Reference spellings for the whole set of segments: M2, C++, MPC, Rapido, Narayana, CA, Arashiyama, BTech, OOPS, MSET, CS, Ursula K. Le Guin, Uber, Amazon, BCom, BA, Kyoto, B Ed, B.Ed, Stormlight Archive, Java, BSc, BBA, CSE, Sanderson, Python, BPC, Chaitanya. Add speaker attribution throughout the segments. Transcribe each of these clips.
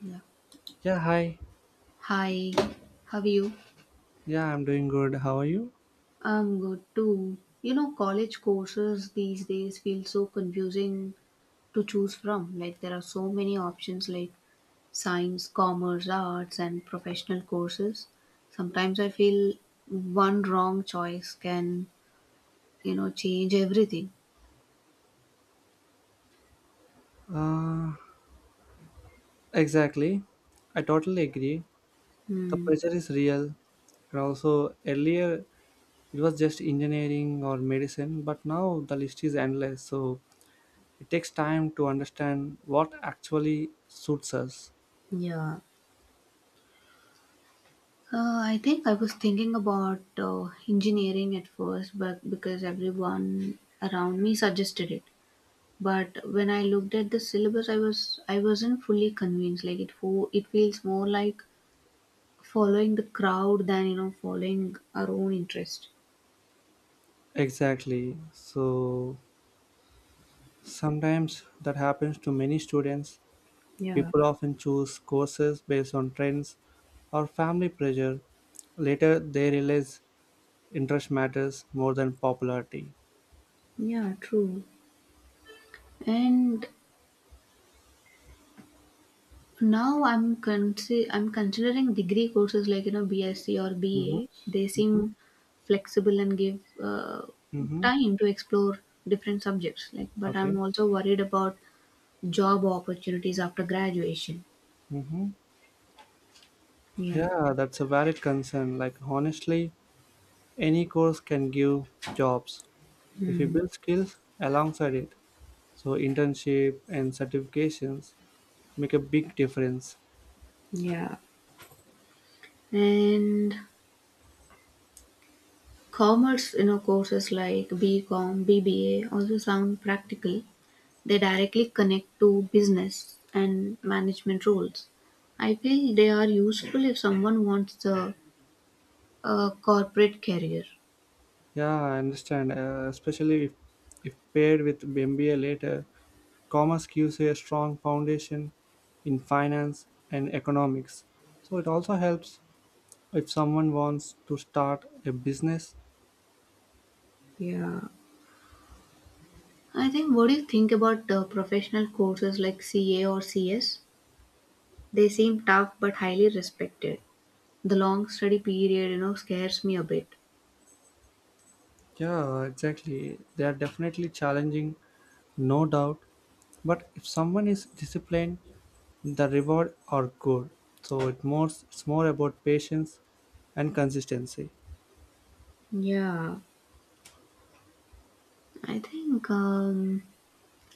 Speaker 1: Yeah.
Speaker 2: Yeah, hi.
Speaker 1: Hi, how are you?
Speaker 2: Yeah, I'm doing good. How are you?
Speaker 1: I'm good too. You know, college courses these days feel so confusing to choose from. Like, there are so many options like science, commerce, arts, and professional courses. Sometimes I feel one wrong choice can, you know, change everything.
Speaker 2: Uh, exactly. I totally agree. The
Speaker 1: Hmm.
Speaker 2: pressure is real. And also, earlier it was just engineering or medicine, but now the list is endless. So it takes time to understand what actually suits us.
Speaker 1: Yeah, I think I was thinking about engineering at first, but because everyone around me suggested it. But when I looked at the syllabus, I wasn't fully convinced. Like it feels more like following the crowd than following our own interest.
Speaker 2: Exactly. So sometimes that happens to many students.
Speaker 1: Yeah.
Speaker 2: People often choose courses based on trends or family pressure. Later, they realize interest matters more than popularity.
Speaker 1: Yeah, true. And now I'm considering degree courses like you know BSc or
Speaker 2: Hmm.
Speaker 1: BA. They
Speaker 2: Hmm.
Speaker 1: seem flexible and give
Speaker 2: Mm-hmm.
Speaker 1: time to explore different subjects. Like, but I'm
Speaker 2: Okay.
Speaker 1: also worried about job opportunities after graduation.
Speaker 2: Mm-hmm.
Speaker 1: Yeah.
Speaker 2: Yeah, that's a valid concern. Like, honestly, any course can give jobs if you
Speaker 1: Hmm.
Speaker 2: build skills alongside it. So, internship and certifications make a big difference.
Speaker 1: Yeah. And commerce, you know, courses like BCom, BBA also sound practical. They directly connect to business and management roles. I feel they are useful if someone wants the a corporate career.
Speaker 2: Yeah, I understand. Especially if paired with MBA later, commerce gives you a strong foundation in finance and economics. So, it also helps if someone wants to start a business.
Speaker 1: Yeah. I think what do you think about professional courses like CA or CS? They seem tough but highly respected. The long study period, you know, scares me a bit.
Speaker 2: Yeah, exactly, they are definitely challenging, no doubt, but if someone is disciplined, the reward are good. So it more it's more about patience and consistency.
Speaker 1: Yeah. I think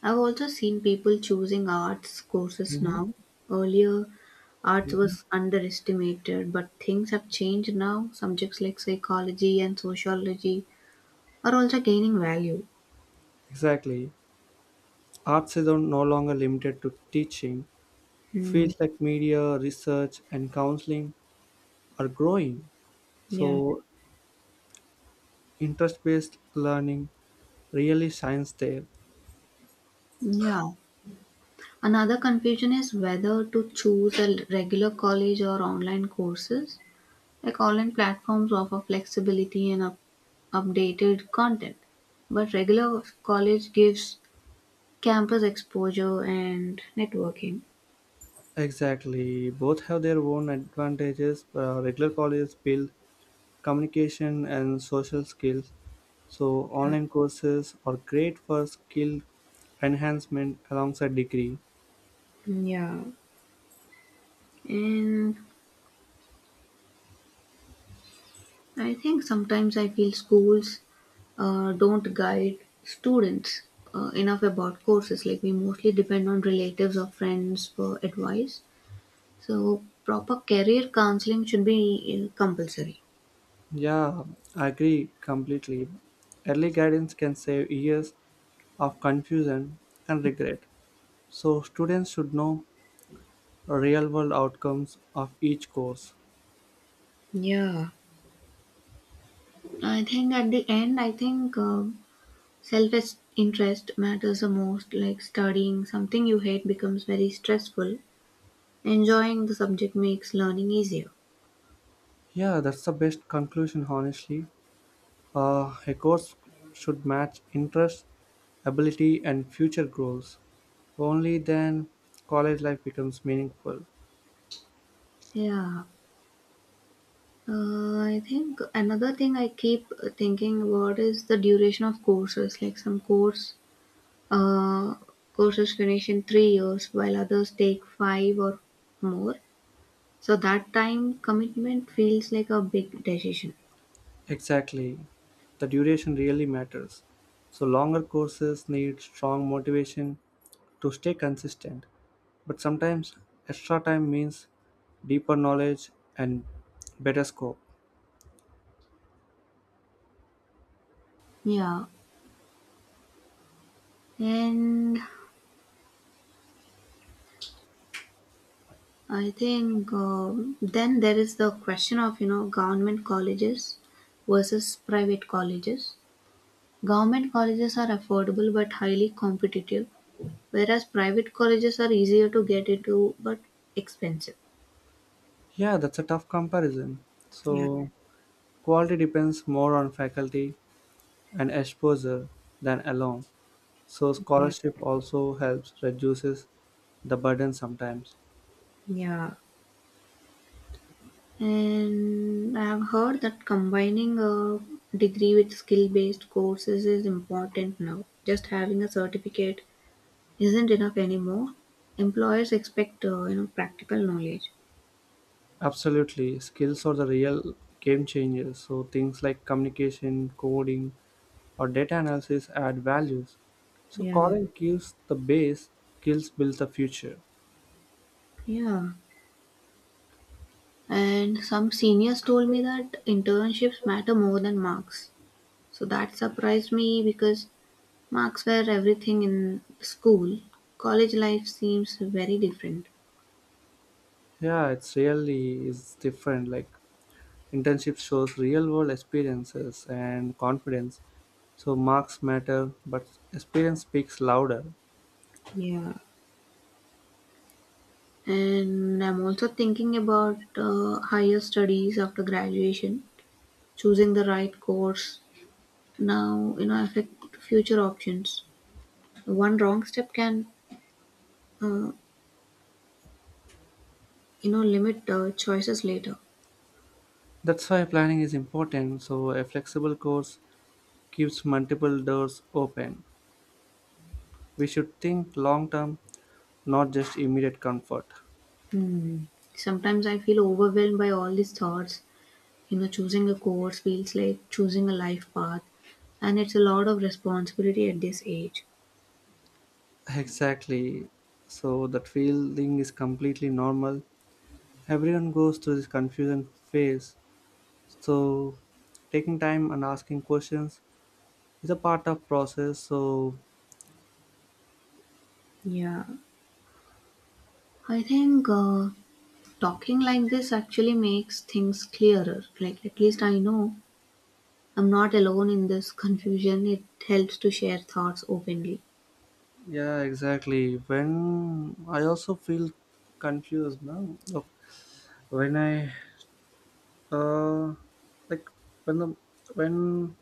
Speaker 1: I've also seen people choosing arts courses
Speaker 2: Mhm.
Speaker 1: now. Earlier, arts
Speaker 2: Yeah.
Speaker 1: was underestimated, but things have changed now. Subjects like psychology and sociology are also gaining value.
Speaker 2: Exactly. Arts is no longer limited to teaching.
Speaker 1: Hmm.
Speaker 2: Fields like media, research, and counseling are growing.
Speaker 1: Yeah.
Speaker 2: So, interest based learning really shines there.
Speaker 1: Yeah. Another confusion is whether to choose a regular college or online courses. Like online platforms offer flexibility and updated content, but regular college gives campus exposure and networking.
Speaker 2: Exactly. Both have their own advantages. Regular colleges build communication and social skills. So, online courses are great for skill enhancement alongside degree.
Speaker 1: Yeah, and I think sometimes I feel schools don't guide students enough about courses. Like we mostly depend on relatives or friends for advice. So proper career counseling should be compulsory.
Speaker 2: Yeah, I agree completely. Early guidance can save years of confusion and regret. So, students should know real world outcomes of each course.
Speaker 1: Yeah, I think at the end, I think self interest matters the most. Like studying something you hate becomes very stressful. Enjoying the subject makes learning easier.
Speaker 2: Yeah, that's the best conclusion, honestly. A course should match interests, ability, and future goals. Only then college life becomes meaningful.
Speaker 1: Yeah. I think another thing I keep thinking about is the duration of courses. Like some course uh, courses finish in 3 years, while others take five or more. So that time commitment feels like a big decision.
Speaker 2: Exactly. The duration really matters. So, longer courses need strong motivation to stay consistent. But sometimes extra time means deeper knowledge and better scope.
Speaker 1: Yeah, and I think then there is the question of you know government colleges versus private colleges. Government colleges are affordable but highly competitive, whereas private colleges are easier to get into but expensive.
Speaker 2: Yeah, that's a tough comparison.
Speaker 1: Yeah,
Speaker 2: So, quality depends more on faculty and exposure than alone. So
Speaker 1: yeah,
Speaker 2: scholarship also helps reduces the burden sometimes.
Speaker 1: yeah. And I have heard that combining a degree with skill based courses is important now. Just having a certificate isn't enough anymore. Employers expect you know practical knowledge.
Speaker 2: Absolutely, skills are the real game changers. So things like communication, coding, or data analysis add values. So
Speaker 1: Yeah,
Speaker 2: college gives the base, skills build the future.
Speaker 1: Yeah. And some seniors told me that internships matter more than marks. So that surprised me because marks were everything in school. College life seems very different.
Speaker 2: Yeah, it's really is different. Like internship shows real world experiences and confidence. So marks matter, but experience speaks louder.
Speaker 1: Yeah. And I'm also thinking about higher studies after graduation, choosing the right course now, you know, affect future options. One wrong step can, uh, you know, limit choices later.
Speaker 2: That's why planning is important. So a flexible course keeps multiple doors open. We should think long term, not just immediate comfort.
Speaker 1: Hmm. Sometimes I feel overwhelmed by all these thoughts. You know, choosing a course feels like choosing a life path, and it's a lot of responsibility at this age.
Speaker 2: Exactly. So that feeling is completely normal. Everyone goes through this confusion phase. So taking time and asking questions is a part of process. So
Speaker 1: Yeah, I think talking like this actually makes things clearer. Like at least I know I'm not alone in this confusion. It helps to share thoughts openly.
Speaker 2: yeah, exactly. When I also feel confused now. Look, when I uh like when the when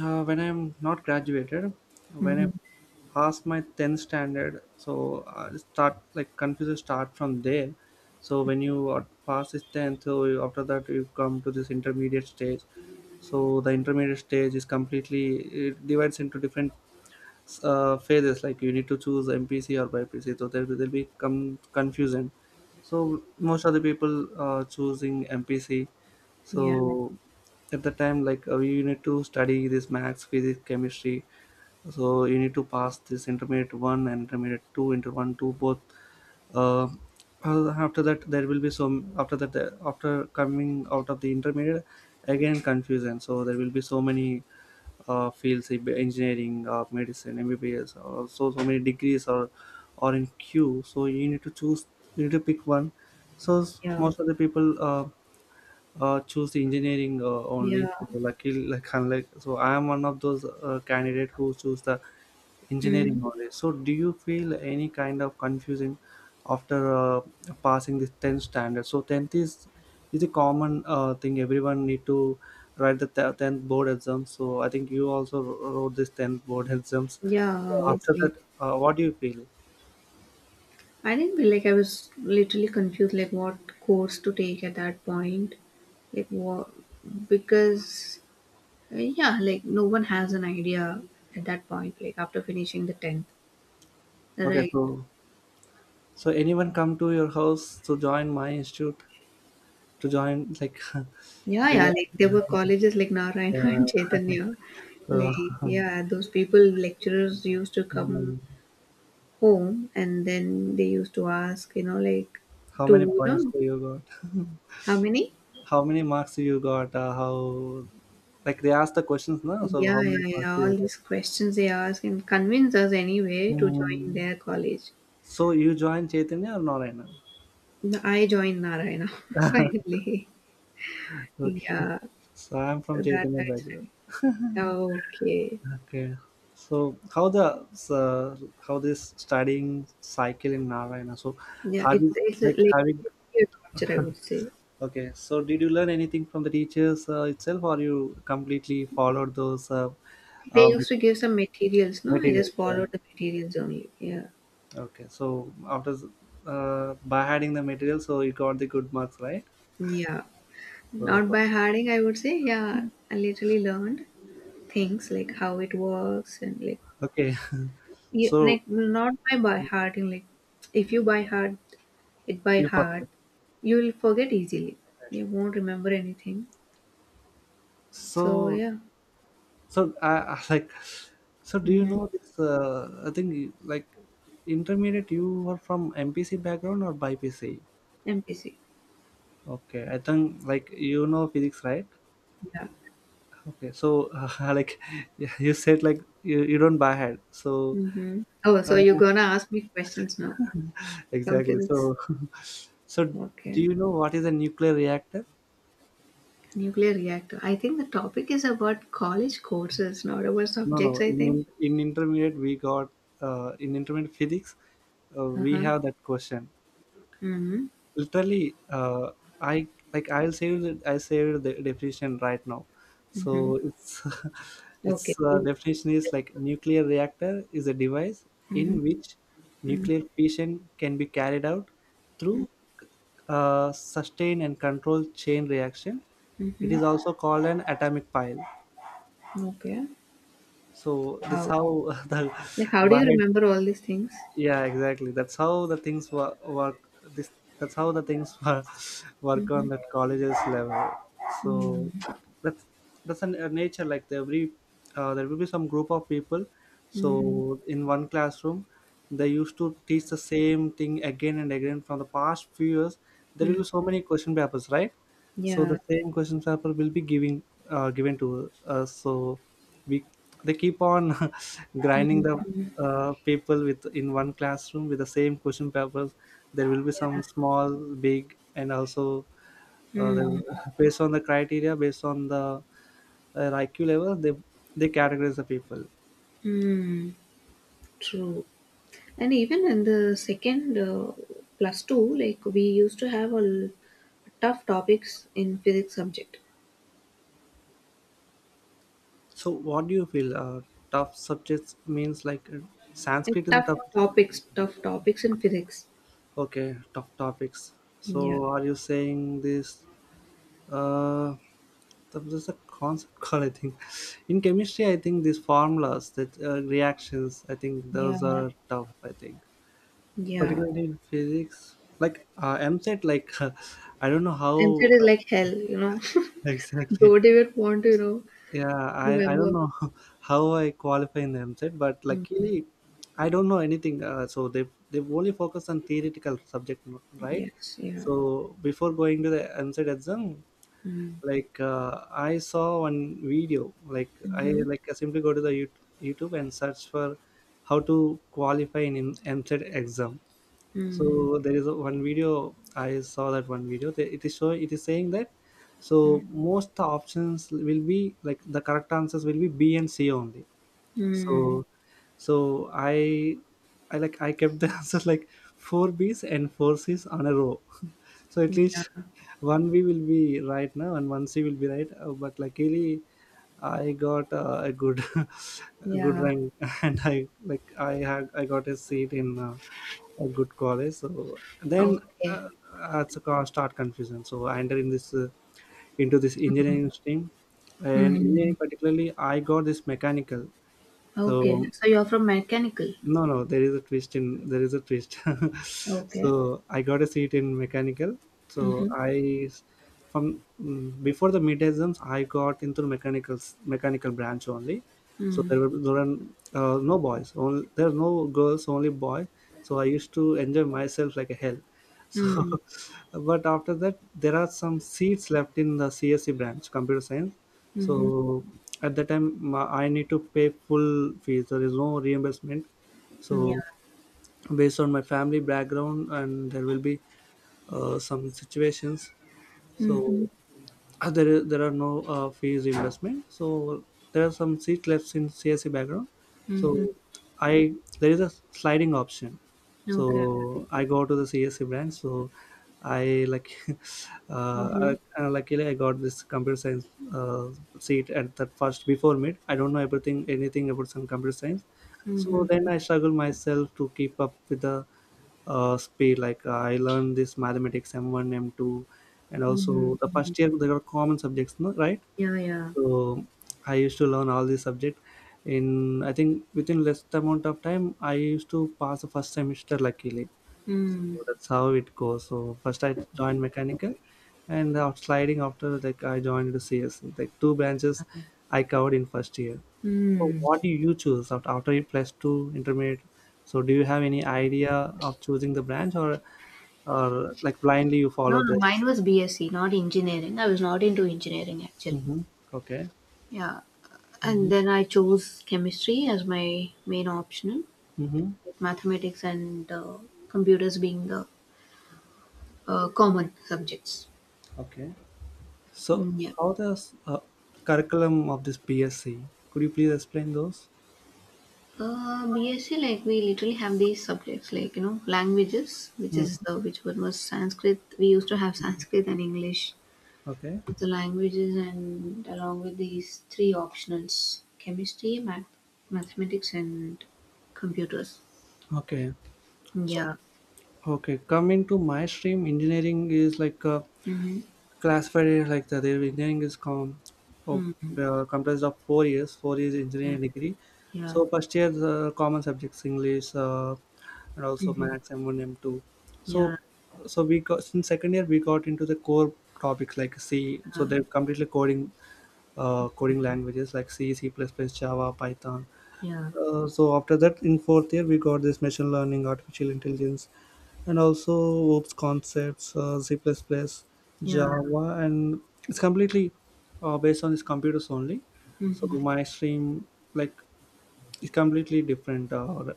Speaker 2: when I'm not graduated, when I
Speaker 1: Hmm.
Speaker 2: pass my 10th standard, so I start like confuses start from there. So when you are- pass this 10th, so you- after that you come to this intermediate stage. So the intermediate stage is completely it divides into different phases. Like you need to choose MPC or BPC. So there will be come confusion. So most of the people are choosing MPC,
Speaker 1: Yeah.
Speaker 2: so at the time like you need to study this maths physics chemistry, so you need to pass this intermediate one and intermediate two, inter 1 2 both. uh, After that there will be some after that after coming out of the intermediate, again confusion. So there will be so many fields like engineering, medicine, mbbs, or so so many degrees or in queue. So you need to choose, you need to pick one. So
Speaker 1: Yeah.
Speaker 2: most of the people choose engineering
Speaker 1: Yeah.
Speaker 2: only. So lucky, like unlike, so I am one of those candidate who choose the engineering
Speaker 1: Hmm.
Speaker 2: only. So do you feel any kind of confusion after passing this 10th standard? So 10th is a common thing. Everyone need to 10th board exam. So I think you also wrote this 10th board exams.
Speaker 1: Yeah,
Speaker 2: So after
Speaker 1: obviously.
Speaker 2: that, what do you feel?
Speaker 1: I think like I was literally confused like what course to take at that point, like what, because yeah, like no one has an idea at that point, like after finishing the 10th.
Speaker 2: Okay,
Speaker 1: Right.
Speaker 2: so anyone come to your house to join my institute to join like
Speaker 1: Yeah,
Speaker 2: they,
Speaker 1: yeah, like there were colleges like
Speaker 2: uh,
Speaker 1: Narayana and Chaitanya.
Speaker 2: So,
Speaker 1: Like, yeah, those people, lecturers used to come
Speaker 2: hmm,
Speaker 1: home and then they used to ask, you know, like,
Speaker 2: how
Speaker 1: to,
Speaker 2: many
Speaker 1: you
Speaker 2: points
Speaker 1: know,
Speaker 2: do you got?
Speaker 1: how many?
Speaker 2: How many marks do you got? Like they ask the questions now. So
Speaker 1: Yeah,
Speaker 2: how many
Speaker 1: yeah,
Speaker 2: marks do
Speaker 1: yeah,
Speaker 2: you
Speaker 1: all
Speaker 2: get?
Speaker 1: these questions they ask and convince us anyway to join
Speaker 2: Hmm.
Speaker 1: their college.
Speaker 2: So you joined Chaitanya or Narayana?
Speaker 1: I joined Narayana finally.
Speaker 2: Okay.
Speaker 1: Yeah,
Speaker 2: So I'm from
Speaker 1: so that
Speaker 2: Chaitanya
Speaker 1: that's
Speaker 2: background.
Speaker 1: right. Okay.
Speaker 2: Okay. So how the so how this studying cycle in Narayana? So
Speaker 1: Yeah,
Speaker 2: have
Speaker 1: it's
Speaker 2: you like
Speaker 1: like
Speaker 2: having
Speaker 1: culture, I would say.
Speaker 2: okay? So did you learn anything from the teachers itself, or you completely followed those
Speaker 1: They
Speaker 2: um,
Speaker 1: used to give some materials, no? I
Speaker 2: material.
Speaker 1: just
Speaker 2: Yeah.
Speaker 1: followed the materials only. Yeah.
Speaker 2: Okay. By adding the material, so you got the good marks, right?
Speaker 1: Yeah. Not
Speaker 2: So
Speaker 1: by harding, I would say. Yeah, I literally learned things like how it works and like
Speaker 2: okay.
Speaker 1: yeah,
Speaker 2: So
Speaker 1: like not by by hearting. Like if you by heart it by
Speaker 2: you first.
Speaker 1: heart, you will forget easily. You won't remember anything. So
Speaker 2: So
Speaker 1: yeah.
Speaker 2: so I like. So do you
Speaker 1: Mm-hmm.
Speaker 2: know this? I think like intermediate. You were from MPC background or BPC?
Speaker 1: MPC.
Speaker 2: Okay. I think like you know physics, right?
Speaker 1: Yeah.
Speaker 2: Okay. So like yeah, you said like you don't buy head. So
Speaker 1: Mm-hmm. Oh,
Speaker 2: uh,
Speaker 1: so you're gonna ask me questions now. Come to
Speaker 2: exactly.
Speaker 1: this.
Speaker 2: So, so do
Speaker 1: Okay.
Speaker 2: you know what is a nuclear reactor?
Speaker 1: Nuclear reactor. I think the topic is about college courses, not about
Speaker 2: No,
Speaker 1: subjects,
Speaker 2: no.
Speaker 1: I
Speaker 2: In
Speaker 1: think.
Speaker 2: in, in intermediate, we got in intermediate physics, we
Speaker 1: Uh-huh.
Speaker 2: have that question.
Speaker 1: Mm-hmm.
Speaker 2: Literally I like I'll save it. I saved the definition right now. So it's its
Speaker 1: Okay.
Speaker 2: definition is like nuclear reactor is a device in which nuclear fission can be carried out through sustained and controlled chain reaction. It
Speaker 1: Mm-hmm.
Speaker 2: is also called an atomic pile.
Speaker 1: Okay.
Speaker 2: So this
Speaker 1: Wow.
Speaker 2: how the
Speaker 1: Like, how do you
Speaker 2: Bahad,
Speaker 1: remember all these things?
Speaker 2: yeah, exactly, that's how the things work. This That's how the things work on that colleges level. So
Speaker 1: Mm-hmm.
Speaker 2: that's that's a nature like there every there will be some group of people.
Speaker 1: Hmm.
Speaker 2: So in one classroom they used to teach the same thing again and again from the past few years. There will be so many question papers, right? So the
Speaker 1: Yeah.
Speaker 2: same question paper will be giving given to us. So we they keep on grinding the people with in one classroom with the same question papers. There will be some small big and also uh, the- based on the criteria, based on the iq level, they categorize the people.
Speaker 1: Mm-hmm. True. And even in the second plus two, like, we used to have a l- tough topics in physics subject.
Speaker 2: So what do you feel tough subjects means like
Speaker 1: Like,
Speaker 2: sanskrit is a tough
Speaker 1: tough topics in physics.
Speaker 2: okay tough topics. So
Speaker 1: Yeah.
Speaker 2: are you saying this uh that was a concept called I think in chemistry I think these formulas that reactions, I think those
Speaker 1: Yeah.
Speaker 2: are tough I think,
Speaker 1: Yeah,
Speaker 2: particularly in physics like mset like I don't know how.
Speaker 1: MZ is like hell, you know.
Speaker 2: Exactly.
Speaker 1: Don't even want to, you know,
Speaker 2: Yeah, I don't
Speaker 1: remember.
Speaker 2: know how I qualify in the mset, but
Speaker 1: Mm.
Speaker 2: luckily I don't know anything. So they only focus on theoretical subject, right?
Speaker 1: Yes, yeah.
Speaker 2: So before going to the mset exam,
Speaker 1: Mm.
Speaker 2: like I saw one video
Speaker 1: Mm-hmm.
Speaker 2: like I simply go to the youtube and search for how to qualify in mset exam.
Speaker 1: Mm.
Speaker 2: So there is a, one video I saw, that one video that it is show it is saying that so most the options will be like the correct answers will be b and c only.
Speaker 1: Mm.
Speaker 2: So so I like I kept the answers like four b's and four c's on a row. So at
Speaker 1: Yeah,
Speaker 2: least one we will be right now, and one C will be right. But luckily, I got a good, a good
Speaker 1: yeah.
Speaker 2: rank, and I like I had I got a seat in a good college. So then
Speaker 1: Okay.
Speaker 2: uh, that's a start confusion. So I entered in this into this engineering stream, and engineering
Speaker 1: Mm.
Speaker 2: particularly I got this mechanical.
Speaker 1: Okay.
Speaker 2: So
Speaker 1: So you're from mechanical.
Speaker 2: no, no, there is a twist.
Speaker 1: Okay.
Speaker 2: So I got a seat in mechanical. So
Speaker 1: Mm-hmm.
Speaker 2: from mm, before the mid exams I got into mechanical branch only. So
Speaker 1: Mm.
Speaker 2: there were no boys. Only there are no girls, only boy. So I used to enjoy myself like a hell. So,
Speaker 1: Mm.
Speaker 2: but after that there are some seats left in the CSE branch, computer science.
Speaker 1: Mm-hmm.
Speaker 2: So at that time I need to pay full fees. There is no reimbursement,
Speaker 1: Yeah.
Speaker 2: so based on my family background, and there will be some situations.
Speaker 1: Mm-hmm.
Speaker 2: So there are no fees investment. So there are some seats left in CSE background.
Speaker 1: Mm-hmm.
Speaker 2: So I there is a sliding option.
Speaker 1: Okay.
Speaker 2: So I go to the CSE branch. So I like uh,
Speaker 1: Mm-hmm.
Speaker 2: I, luckily I got this computer science seat at that first before mid. I don't know everything anything about some computer science. So then
Speaker 1: Mm-hmm.
Speaker 2: I struggle myself to keep up with the speed. Like I learned this mathematics M1, M2, and also the
Speaker 1: Mm-hmm.
Speaker 2: first year there are common subjects, no, right?
Speaker 1: Yeah, yeah.
Speaker 2: So I used to learn all these subject. In I think within less amount of time, I used to pass the first semester luckily.
Speaker 1: Mm.
Speaker 2: So that's how it goes. So first I joined mechanical, and out sliding after like I joined the CSE. Like two branches, I covered in first year. So
Speaker 1: Mm.
Speaker 2: what do you choose after you plus two intermediate? So do you have any idea of choosing the branch or like blindly you
Speaker 1: No,
Speaker 2: follow
Speaker 1: no,
Speaker 2: this?
Speaker 1: mine was BSc, not engineering. I was not into engineering actually.
Speaker 2: Mm-hmm. Okay.
Speaker 1: Yeah. And
Speaker 2: Mm-hmm.
Speaker 1: then I chose chemistry as my main optional,
Speaker 2: Mm-hmm.
Speaker 1: with mathematics and computers being the common subjects.
Speaker 2: Okay. So
Speaker 1: Mm, yeah.
Speaker 2: how does curriculum of this BSc? Could you please explain those?
Speaker 1: BSc, like we literally have these subjects, like you know, languages, which
Speaker 2: Hmm.
Speaker 1: is which one was Sanskrit. We used to have Sanskrit and English
Speaker 2: Okay.
Speaker 1: the languages, and along with these three optionals, chemistry, mathematics, and computers.
Speaker 2: Okay. So
Speaker 1: Yeah.
Speaker 2: okay, coming to my stream, engineering is like a,
Speaker 1: Mm-hmm.
Speaker 2: classified it like that. Their engineering is oh,
Speaker 1: Mm.
Speaker 2: comprised of 4 years
Speaker 1: Yeah.
Speaker 2: engineering degree.
Speaker 1: Yeah.
Speaker 2: So first year the common subjects English, and also
Speaker 1: Mm-hmm.
Speaker 2: Maths M1 M2. So
Speaker 1: Yeah.
Speaker 2: so we got in second year, we got into the core topics like C. So
Speaker 1: uh,
Speaker 2: they're completely coding languages like C, C++, plus plus, Java, Python.
Speaker 1: yeah.
Speaker 2: So after that in fourth year we got this machine learning, artificial intelligence, and also OOPS concepts, C++,
Speaker 1: Yeah.
Speaker 2: Java, and it's completely based on these computers only. So
Speaker 1: Mm-hmm.
Speaker 2: my stream like is completely different.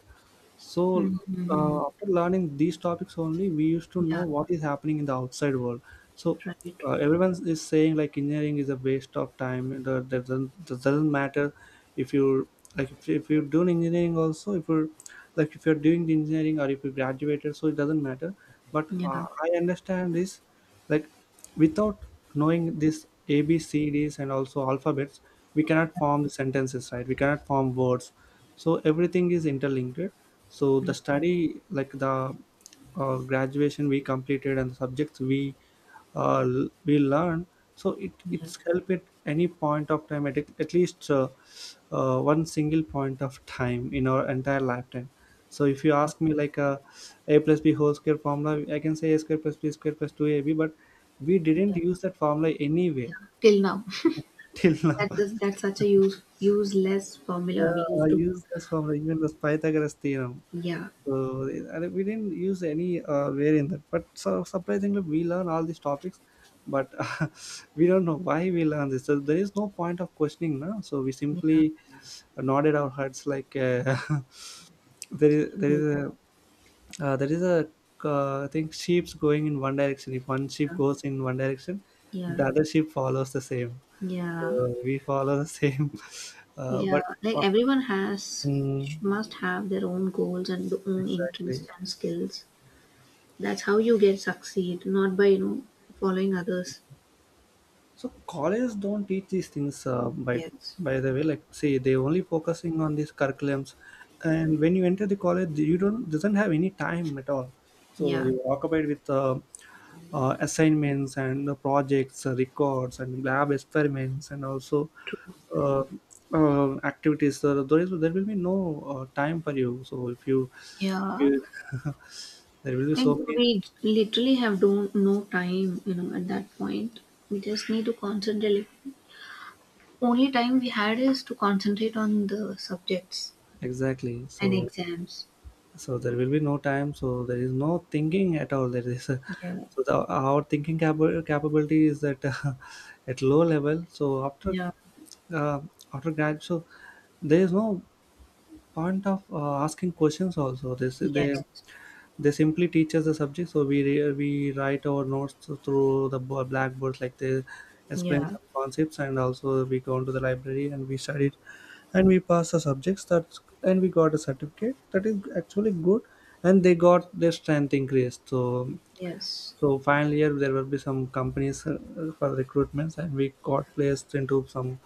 Speaker 2: so
Speaker 1: Mm-hmm.
Speaker 2: After learning these topics only, we used to know
Speaker 1: Yeah.
Speaker 2: what is happening in the outside world. So
Speaker 1: Right.
Speaker 2: everyone is saying like engineering is a waste of time. That doesn't matter if you like if you're doing engineering also if you're like if you're doing the engineering or if you graduated, so it doesn't matter, but
Speaker 1: Yeah.
Speaker 2: I understand this. Like without knowing this A B C D's and also alphabets, we cannot form the sentences, right, we cannot form words, so everything is interlinked, so the
Speaker 1: Yeah,
Speaker 2: study like the graduation we completed and the subjects we learn, so it
Speaker 1: yeah.
Speaker 2: it's help at any point of time, at least one single point of time in our entire lifetime. So if you ask me, like, a plus b whole square formula, I can say a square plus b square plus 2ab, but we didn't use that formula anywhere
Speaker 1: Till now.
Speaker 2: till now.
Speaker 1: That's such a useless formula we
Speaker 2: Yeah, I
Speaker 1: used to.
Speaker 2: use this formula, even the Pythagoras theorem.
Speaker 1: Yeah.
Speaker 2: So and we didn't use any way in that, but so surprisingly, we learn all these topics, but we don't know why we learn this. So there is no point of questioning, no? So we simply
Speaker 1: Yeah.
Speaker 2: nodded our heads like, there is there is
Speaker 1: True.
Speaker 2: a there is a I think sheep's going in one direction. If one sheep
Speaker 1: Yeah.
Speaker 2: goes in one direction,
Speaker 1: Yeah.
Speaker 2: the other sheep follows the same.
Speaker 1: Yeah.
Speaker 2: So we follow the same,
Speaker 1: Yeah,
Speaker 2: but
Speaker 1: like
Speaker 2: after,
Speaker 1: everyone has
Speaker 2: mm,
Speaker 1: must have their own goals and their own interests
Speaker 2: exactly.
Speaker 1: and skills. That's how you get succeed, not by you know following others.
Speaker 2: So colleges don't teach these things, by
Speaker 1: Yes.
Speaker 2: by the way, like say they only focusing on these curriculums, and when you enter the college, you don't doesn't have any time at all. So
Speaker 1: Yeah,
Speaker 2: you are occupied with assignments and projects, records, and lab experiments, and also
Speaker 1: true.
Speaker 2: uh, activities. There will be no time for you. So if you,
Speaker 1: Yeah,
Speaker 2: you there will be so
Speaker 1: like
Speaker 2: many,
Speaker 1: we literally have don't no time, you know, at that point. We just need to concentrate. Like, only time we had is to concentrate on the subjects
Speaker 2: exactly.
Speaker 1: and
Speaker 2: So
Speaker 1: exams.
Speaker 2: so there will be no time, so there is no thinking at all, there is a,
Speaker 1: Yeah,
Speaker 2: so our capability is at at low level, so
Speaker 1: yeah,
Speaker 2: uh, after grad, so there is no point of asking questions also this they. Yeah.
Speaker 1: yes,
Speaker 2: They simply teach us the subject, so we write our notes through the blackboard, like they explain
Speaker 1: yeah,
Speaker 2: some concepts and also we go into the library and we study and we passed the subjects that, and we got a certificate that is actually good, and they got their strength increased, so
Speaker 1: yes.
Speaker 2: so final year there will be some companies for recruitments, and we got placed into some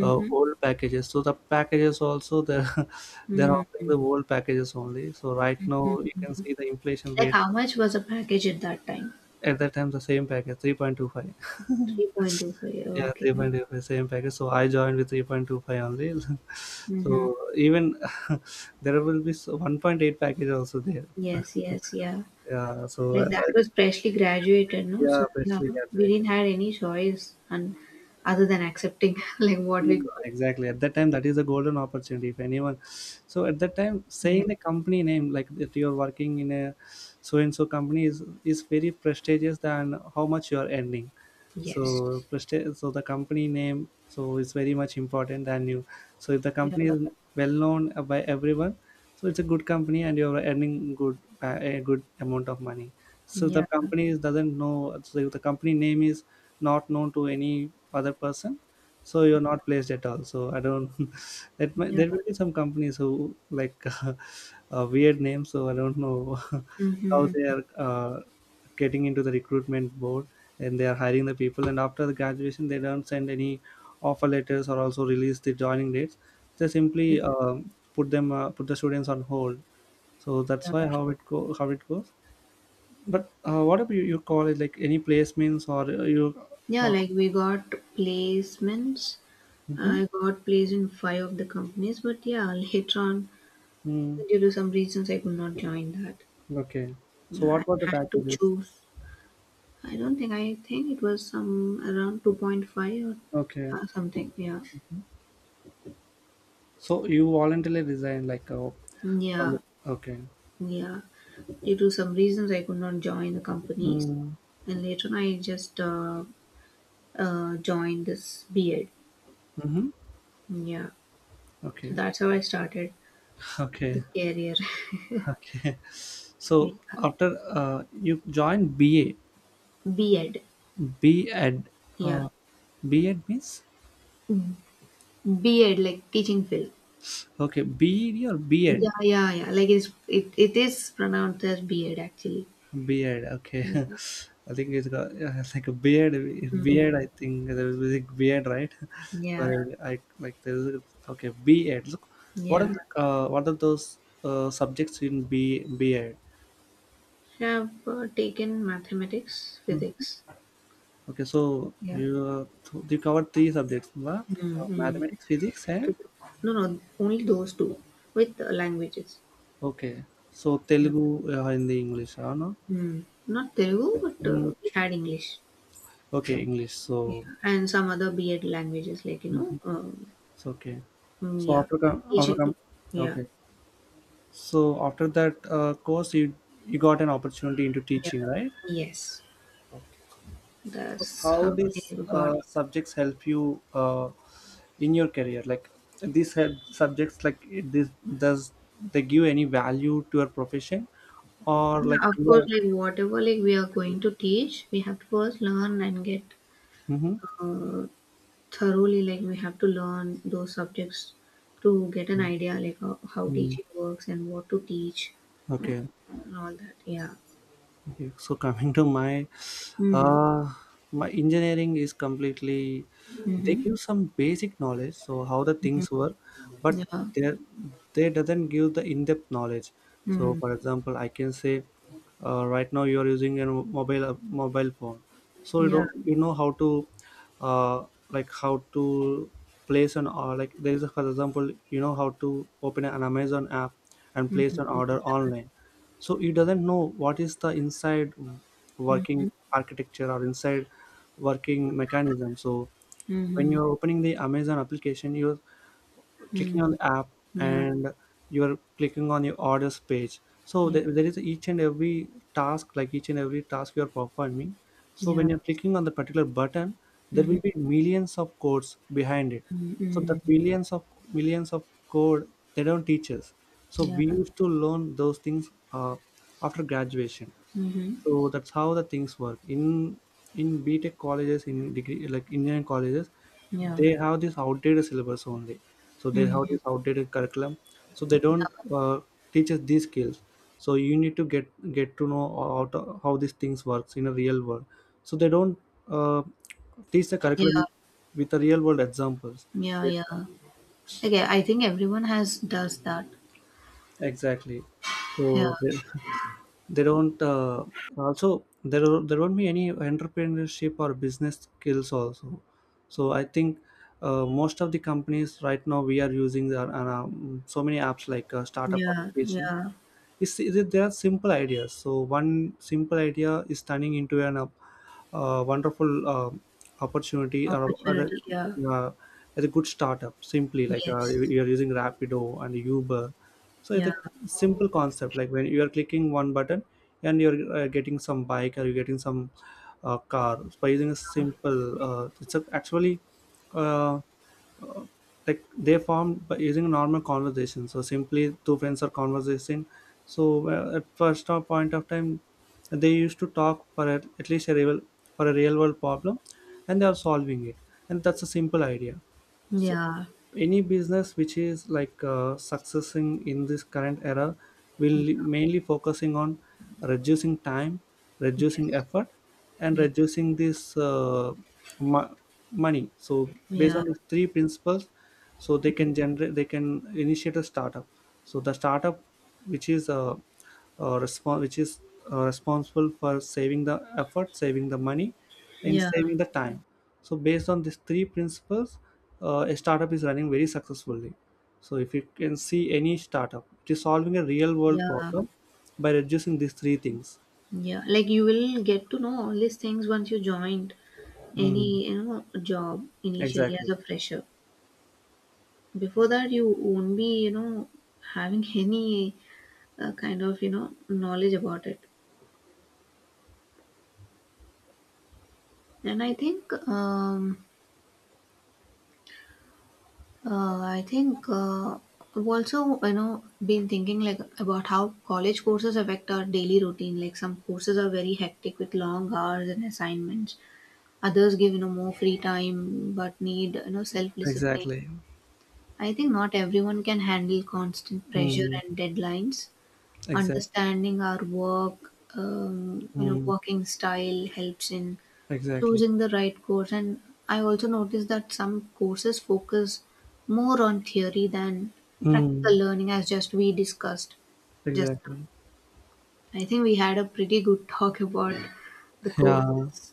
Speaker 2: old packages, so the packages also they're they're offering
Speaker 1: Mm-hmm.
Speaker 2: the old packages only, so right now you can see the inflation
Speaker 1: Like
Speaker 2: rate.
Speaker 1: how much was a package at that time?
Speaker 2: At that time, the same package, 3.25.
Speaker 1: 3.25.
Speaker 2: Yeah,
Speaker 1: Okay.
Speaker 2: 3.25, same package. So I joined with 3.25 only.
Speaker 1: Mm-hmm.
Speaker 2: So even there will be so 1.8 package also there.
Speaker 1: Yes, yes, yeah.
Speaker 2: Yeah, so
Speaker 1: Like that
Speaker 2: like,
Speaker 1: was freshly graduated, no?
Speaker 2: yeah,
Speaker 1: So yeah,
Speaker 2: freshly
Speaker 1: we
Speaker 2: graduated.
Speaker 1: didn't have any choice and other than accepting like what we
Speaker 2: Mm,
Speaker 1: got.
Speaker 2: exactly. At that time, that is a golden opportunity. If anyone, so at that time, saying
Speaker 1: Yeah.
Speaker 2: the company name like that you're working in a so and so company is very prestigious than how much you are earning. So
Speaker 1: Yes.
Speaker 2: so the company name so is very much important than you, so if the
Speaker 1: Yeah.
Speaker 2: company is well known by everyone, so it's a good company and you're earning a good amount of money, so the
Speaker 1: Yeah.
Speaker 2: doesn't know, so if the company name is not known to any other person, so you're not placed at all, so I don't that might,
Speaker 1: Yeah.
Speaker 2: there will be some companies who like a weird name, so I don't know how
Speaker 1: Mm-hmm.
Speaker 2: they are getting into the recruitment board, and they are hiring the people, and after the graduation they don't send any offer letters or also release the joining dates, they
Speaker 1: Yeah.
Speaker 2: simply put them, put the students on hold, so that's
Speaker 1: Yeah.
Speaker 2: why how it goes. But what about you, your college like any placements or you?
Speaker 1: Yeah,
Speaker 2: uh,
Speaker 1: like we got placements.
Speaker 2: mhm.
Speaker 1: I got placed in five of the companies, but yeah, later on,
Speaker 2: Mm,
Speaker 1: due to some reasons, I could not join that.
Speaker 2: okay, so
Speaker 1: Yeah, I
Speaker 2: what were the
Speaker 1: had to
Speaker 2: packages?
Speaker 1: choose. I don't think I think it was some around 2.5 or
Speaker 2: Okay,
Speaker 1: something. Yeah.
Speaker 2: so you voluntarily resigned like,
Speaker 1: Mm,
Speaker 2: from
Speaker 1: yeah.
Speaker 2: okay.
Speaker 1: Yeah. Due to some reasons I could not join the companies
Speaker 2: Mm.
Speaker 1: and later on I just joined this B Ed.
Speaker 2: Mm-hmm.
Speaker 1: Mm, yeah. So
Speaker 2: Okay.
Speaker 1: that's how I started
Speaker 2: Okay.
Speaker 1: the career.
Speaker 2: Okay.
Speaker 1: Yeah.
Speaker 2: So after you join BA,
Speaker 1: B Ed.
Speaker 2: B.Ed,
Speaker 1: Yeah.
Speaker 2: uh, B Ed means
Speaker 1: B Ed like teaching field.
Speaker 2: okay, B.Ed or B Ed,
Speaker 1: Yeah, yeah, yeah. Like it's it, it is pronounced as B Ed actually.
Speaker 2: B Ed. Okay,
Speaker 1: Yeah.
Speaker 2: I think it's got, yeah, it's like a beard,
Speaker 1: Mm,
Speaker 2: beard. I think there is a beard, right?
Speaker 1: yeah.
Speaker 2: Where I like there is a, okay B.Ed. Look, what are
Speaker 1: Yeah,
Speaker 2: those subjects in B B.Ed?
Speaker 1: have taken mathematics,
Speaker 2: Hmm.
Speaker 1: physics.
Speaker 2: Okay, so
Speaker 1: Yeah,
Speaker 2: you covered three subjects, what?
Speaker 1: mm-hmm.
Speaker 2: Mathematics, physics, and
Speaker 1: No, no, only those two with languages.
Speaker 2: okay, so
Speaker 1: Yeah.
Speaker 2: Telugu or Hindi, English, or no?
Speaker 1: Hmm. Not Telugu, but
Speaker 2: Hmm.
Speaker 1: we had English.
Speaker 2: Okay, English.
Speaker 1: Yeah,
Speaker 2: So
Speaker 1: and some other B.Ed languages like you know,
Speaker 2: it's okay.
Speaker 1: mm,
Speaker 2: So
Speaker 1: yeah, Egypt. Yeah,
Speaker 2: okay. So after that, course, you got an opportunity into
Speaker 1: yeah,
Speaker 2: teaching, right?
Speaker 1: yes.
Speaker 2: So
Speaker 1: That's
Speaker 2: how
Speaker 1: how
Speaker 2: these
Speaker 1: they got it.
Speaker 2: subjects help you in your career? Like these help subjects, like this, does they give any value to your profession or
Speaker 1: Yeah,
Speaker 2: like
Speaker 1: of course,
Speaker 2: your?
Speaker 1: like whatever like we are going to teach, we have to first learn and get
Speaker 2: Uh huh.
Speaker 1: uh, thoroughly, like we have to learn those subjects to get an idea like how
Speaker 2: Hmm.
Speaker 1: teaching works and what to teach,
Speaker 2: Okay.
Speaker 1: and all that. Yeah.
Speaker 2: Okay, so coming to my
Speaker 1: Mm.
Speaker 2: uh my engineering is completely, they
Speaker 1: Mm-hmm.
Speaker 2: give some basic knowledge so how the things work, but
Speaker 1: Yeah.
Speaker 2: they they doesn't give the in-depth knowledge, so
Speaker 1: Mm.
Speaker 2: for example I can say right now you are using a mobile phone, so you
Speaker 1: Yeah.
Speaker 2: know you know how to, like, how to place an, or like there is a, for example you know how to open an Amazon app and place an order
Speaker 1: Mm-hmm.
Speaker 2: online. So he doesn't know what is the inside working
Speaker 1: Mm-hmm.
Speaker 2: architecture or inside working mechanism, so when
Speaker 1: Mm-hmm.
Speaker 2: you're opening the Amazon application you're clicking on
Speaker 1: Mm-hmm.
Speaker 2: the app
Speaker 1: Yeah.
Speaker 2: and you are clicking on your orders page. So
Speaker 1: Yeah.
Speaker 2: there is each and every task, like each and every task you are performing, so when
Speaker 1: Yeah.
Speaker 2: you're clicking on the particular button there
Speaker 1: Mm-hmm.
Speaker 2: will be millions of codes behind it, so the
Speaker 1: Mm-hmm.
Speaker 2: billions of millions of code they don't teach us, so
Speaker 1: Yeah.
Speaker 2: we used to learn those things after graduation.
Speaker 1: Mm-hmm.
Speaker 2: So that's how the things work in BTech colleges, in degree like engineering colleges,
Speaker 1: Yeah.
Speaker 2: they have this outdated syllabus only, so they have
Speaker 1: Mm-hmm.
Speaker 2: this outdated curriculum. So they don't teach us these skills, so you need to get to know how, to, how these things works in a real world, so they don't uh, teach the
Speaker 1: Yeah.
Speaker 2: curriculum with the real world examples,
Speaker 1: Yeah. Yeah.
Speaker 2: exactly.
Speaker 1: Okay. I think everyone has does that.
Speaker 2: Exactly.
Speaker 1: Yeah.
Speaker 2: So they, they don't, also there won't be any entrepreneurship or business skills also. So I think most of the companies right now we are using are, so many apps like startup
Speaker 1: Yeah.
Speaker 2: applications,
Speaker 1: Yeah.
Speaker 2: is it there are simple ideas, so one simple idea is turning into an wonderful opportunity or other,
Speaker 1: Opportunity. Yeah.
Speaker 2: uh, as a good startup. Simply like, uh, you-
Speaker 1: Yes.
Speaker 2: you're using Rapido and Uber, so it's
Speaker 1: Yeah.
Speaker 2: a simple concept like when you are clicking one button and you're getting some bike or you're getting some car. So, by using a simple, it's a, actually, uh, uh, like they formed by using normal conversation, so simply two friends are conversing. So at first point of time they used to talk for at least a real for a real world problem and they are solving it, and that's a simple idea. So,
Speaker 1: Yeah.
Speaker 2: any business which is like, successing in this current era
Speaker 1: Yeah.
Speaker 2: will mainly focusing on reducing time, reducing
Speaker 1: Yes.
Speaker 2: effort, and
Speaker 1: Yes.
Speaker 2: reducing this, mo- money. So, based
Speaker 1: Yeah.
Speaker 2: on these three principles, so they can generate, they can initiate a startup. So, the startup which is uh, which is responsible for saving the effort, saving the money, and
Speaker 1: Yeah.
Speaker 2: saving the time. So, based on these three principles, a startup is running very successfully. So if you can see any startup, it is solving a real world
Speaker 1: Yeah.
Speaker 2: problem by reducing these three things.
Speaker 1: Yeah. Like you will get to know all these things once you joined
Speaker 2: Mm,
Speaker 1: any, you know, job initially as
Speaker 2: exactly.
Speaker 1: a fresher. Before that, you won't be, you know, having any kind of, you know, knowledge about it. And I think, I've also, you know, been thinking like about how college courses affect our daily routine. Like some courses are very hectic with long hours and assignments. Others give, you know, more free time but need, you know, self-discipline.
Speaker 2: Exactly.
Speaker 1: I think not everyone can handle constant pressure
Speaker 2: Mm,
Speaker 1: and deadlines.
Speaker 2: exactly.
Speaker 1: Understanding our you know,
Speaker 2: Mm,
Speaker 1: working style helps in
Speaker 2: exactly.
Speaker 1: choosing the right course. And I also noticed that some courses focus more on theory than practical
Speaker 2: Mm,
Speaker 1: learning, as just we discussed just now.
Speaker 2: exactly.
Speaker 1: I think we had a pretty good talk about the
Speaker 2: Yeah.
Speaker 1: courses.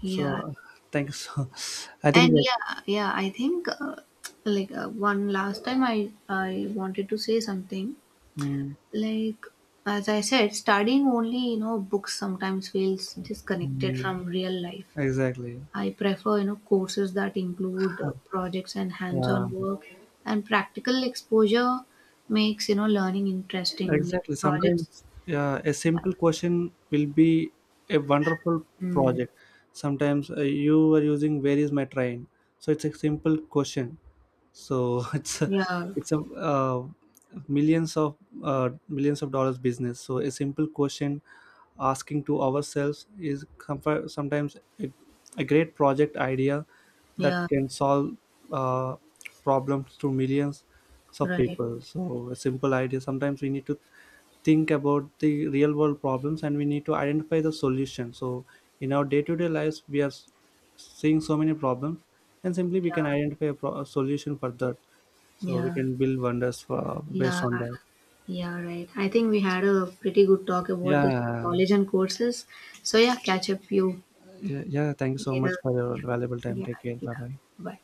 Speaker 1: Yeah.
Speaker 2: So thanks. I think
Speaker 1: And
Speaker 2: that.
Speaker 1: yeah, I think one last time I wanted to say something
Speaker 2: Mm,
Speaker 1: like, as I said, studying only you know books sometimes feels disconnected
Speaker 2: mm,
Speaker 1: from real life.
Speaker 2: exactly.
Speaker 1: I prefer you know courses that include projects and
Speaker 2: Yeah.
Speaker 1: hands-on work, and practical exposure makes you know learning interesting. Like
Speaker 2: Exactly.
Speaker 1: projects,
Speaker 2: Sometimes a
Speaker 1: yeah,
Speaker 2: simple question will be a wonderful
Speaker 1: mm,
Speaker 2: project. Sometimes you are using "Where is my train," so it's a simple question. So it's a,
Speaker 1: yeah,
Speaker 2: it's a uh, millions of millions of dollars business. So a simple question asking to ourselves is comfort, sometimes a great project idea that
Speaker 1: yeah,
Speaker 2: can solve uh, problems to millions of
Speaker 1: right,
Speaker 2: people, so a simple idea sometimes, we need to think about the real world problems and we need to identify the solution, so in our day-to-day lives we are seeing so many problems and simply we can
Speaker 1: yeah,
Speaker 2: identify a a solution for that, so we
Speaker 1: yeah.
Speaker 2: can build wonders for based
Speaker 1: Yeah,
Speaker 2: on
Speaker 1: I-
Speaker 2: that,
Speaker 1: yeah, right. I think we had a pretty good talk about this
Speaker 2: yeah.
Speaker 1: college and courses. So yeah, catch up you
Speaker 2: Yeah, yeah, thank you so much
Speaker 1: later.
Speaker 2: for your valuable time,
Speaker 1: Yeah,
Speaker 2: take care, bye
Speaker 1: yeah.
Speaker 2: bye.
Speaker 1: Bye.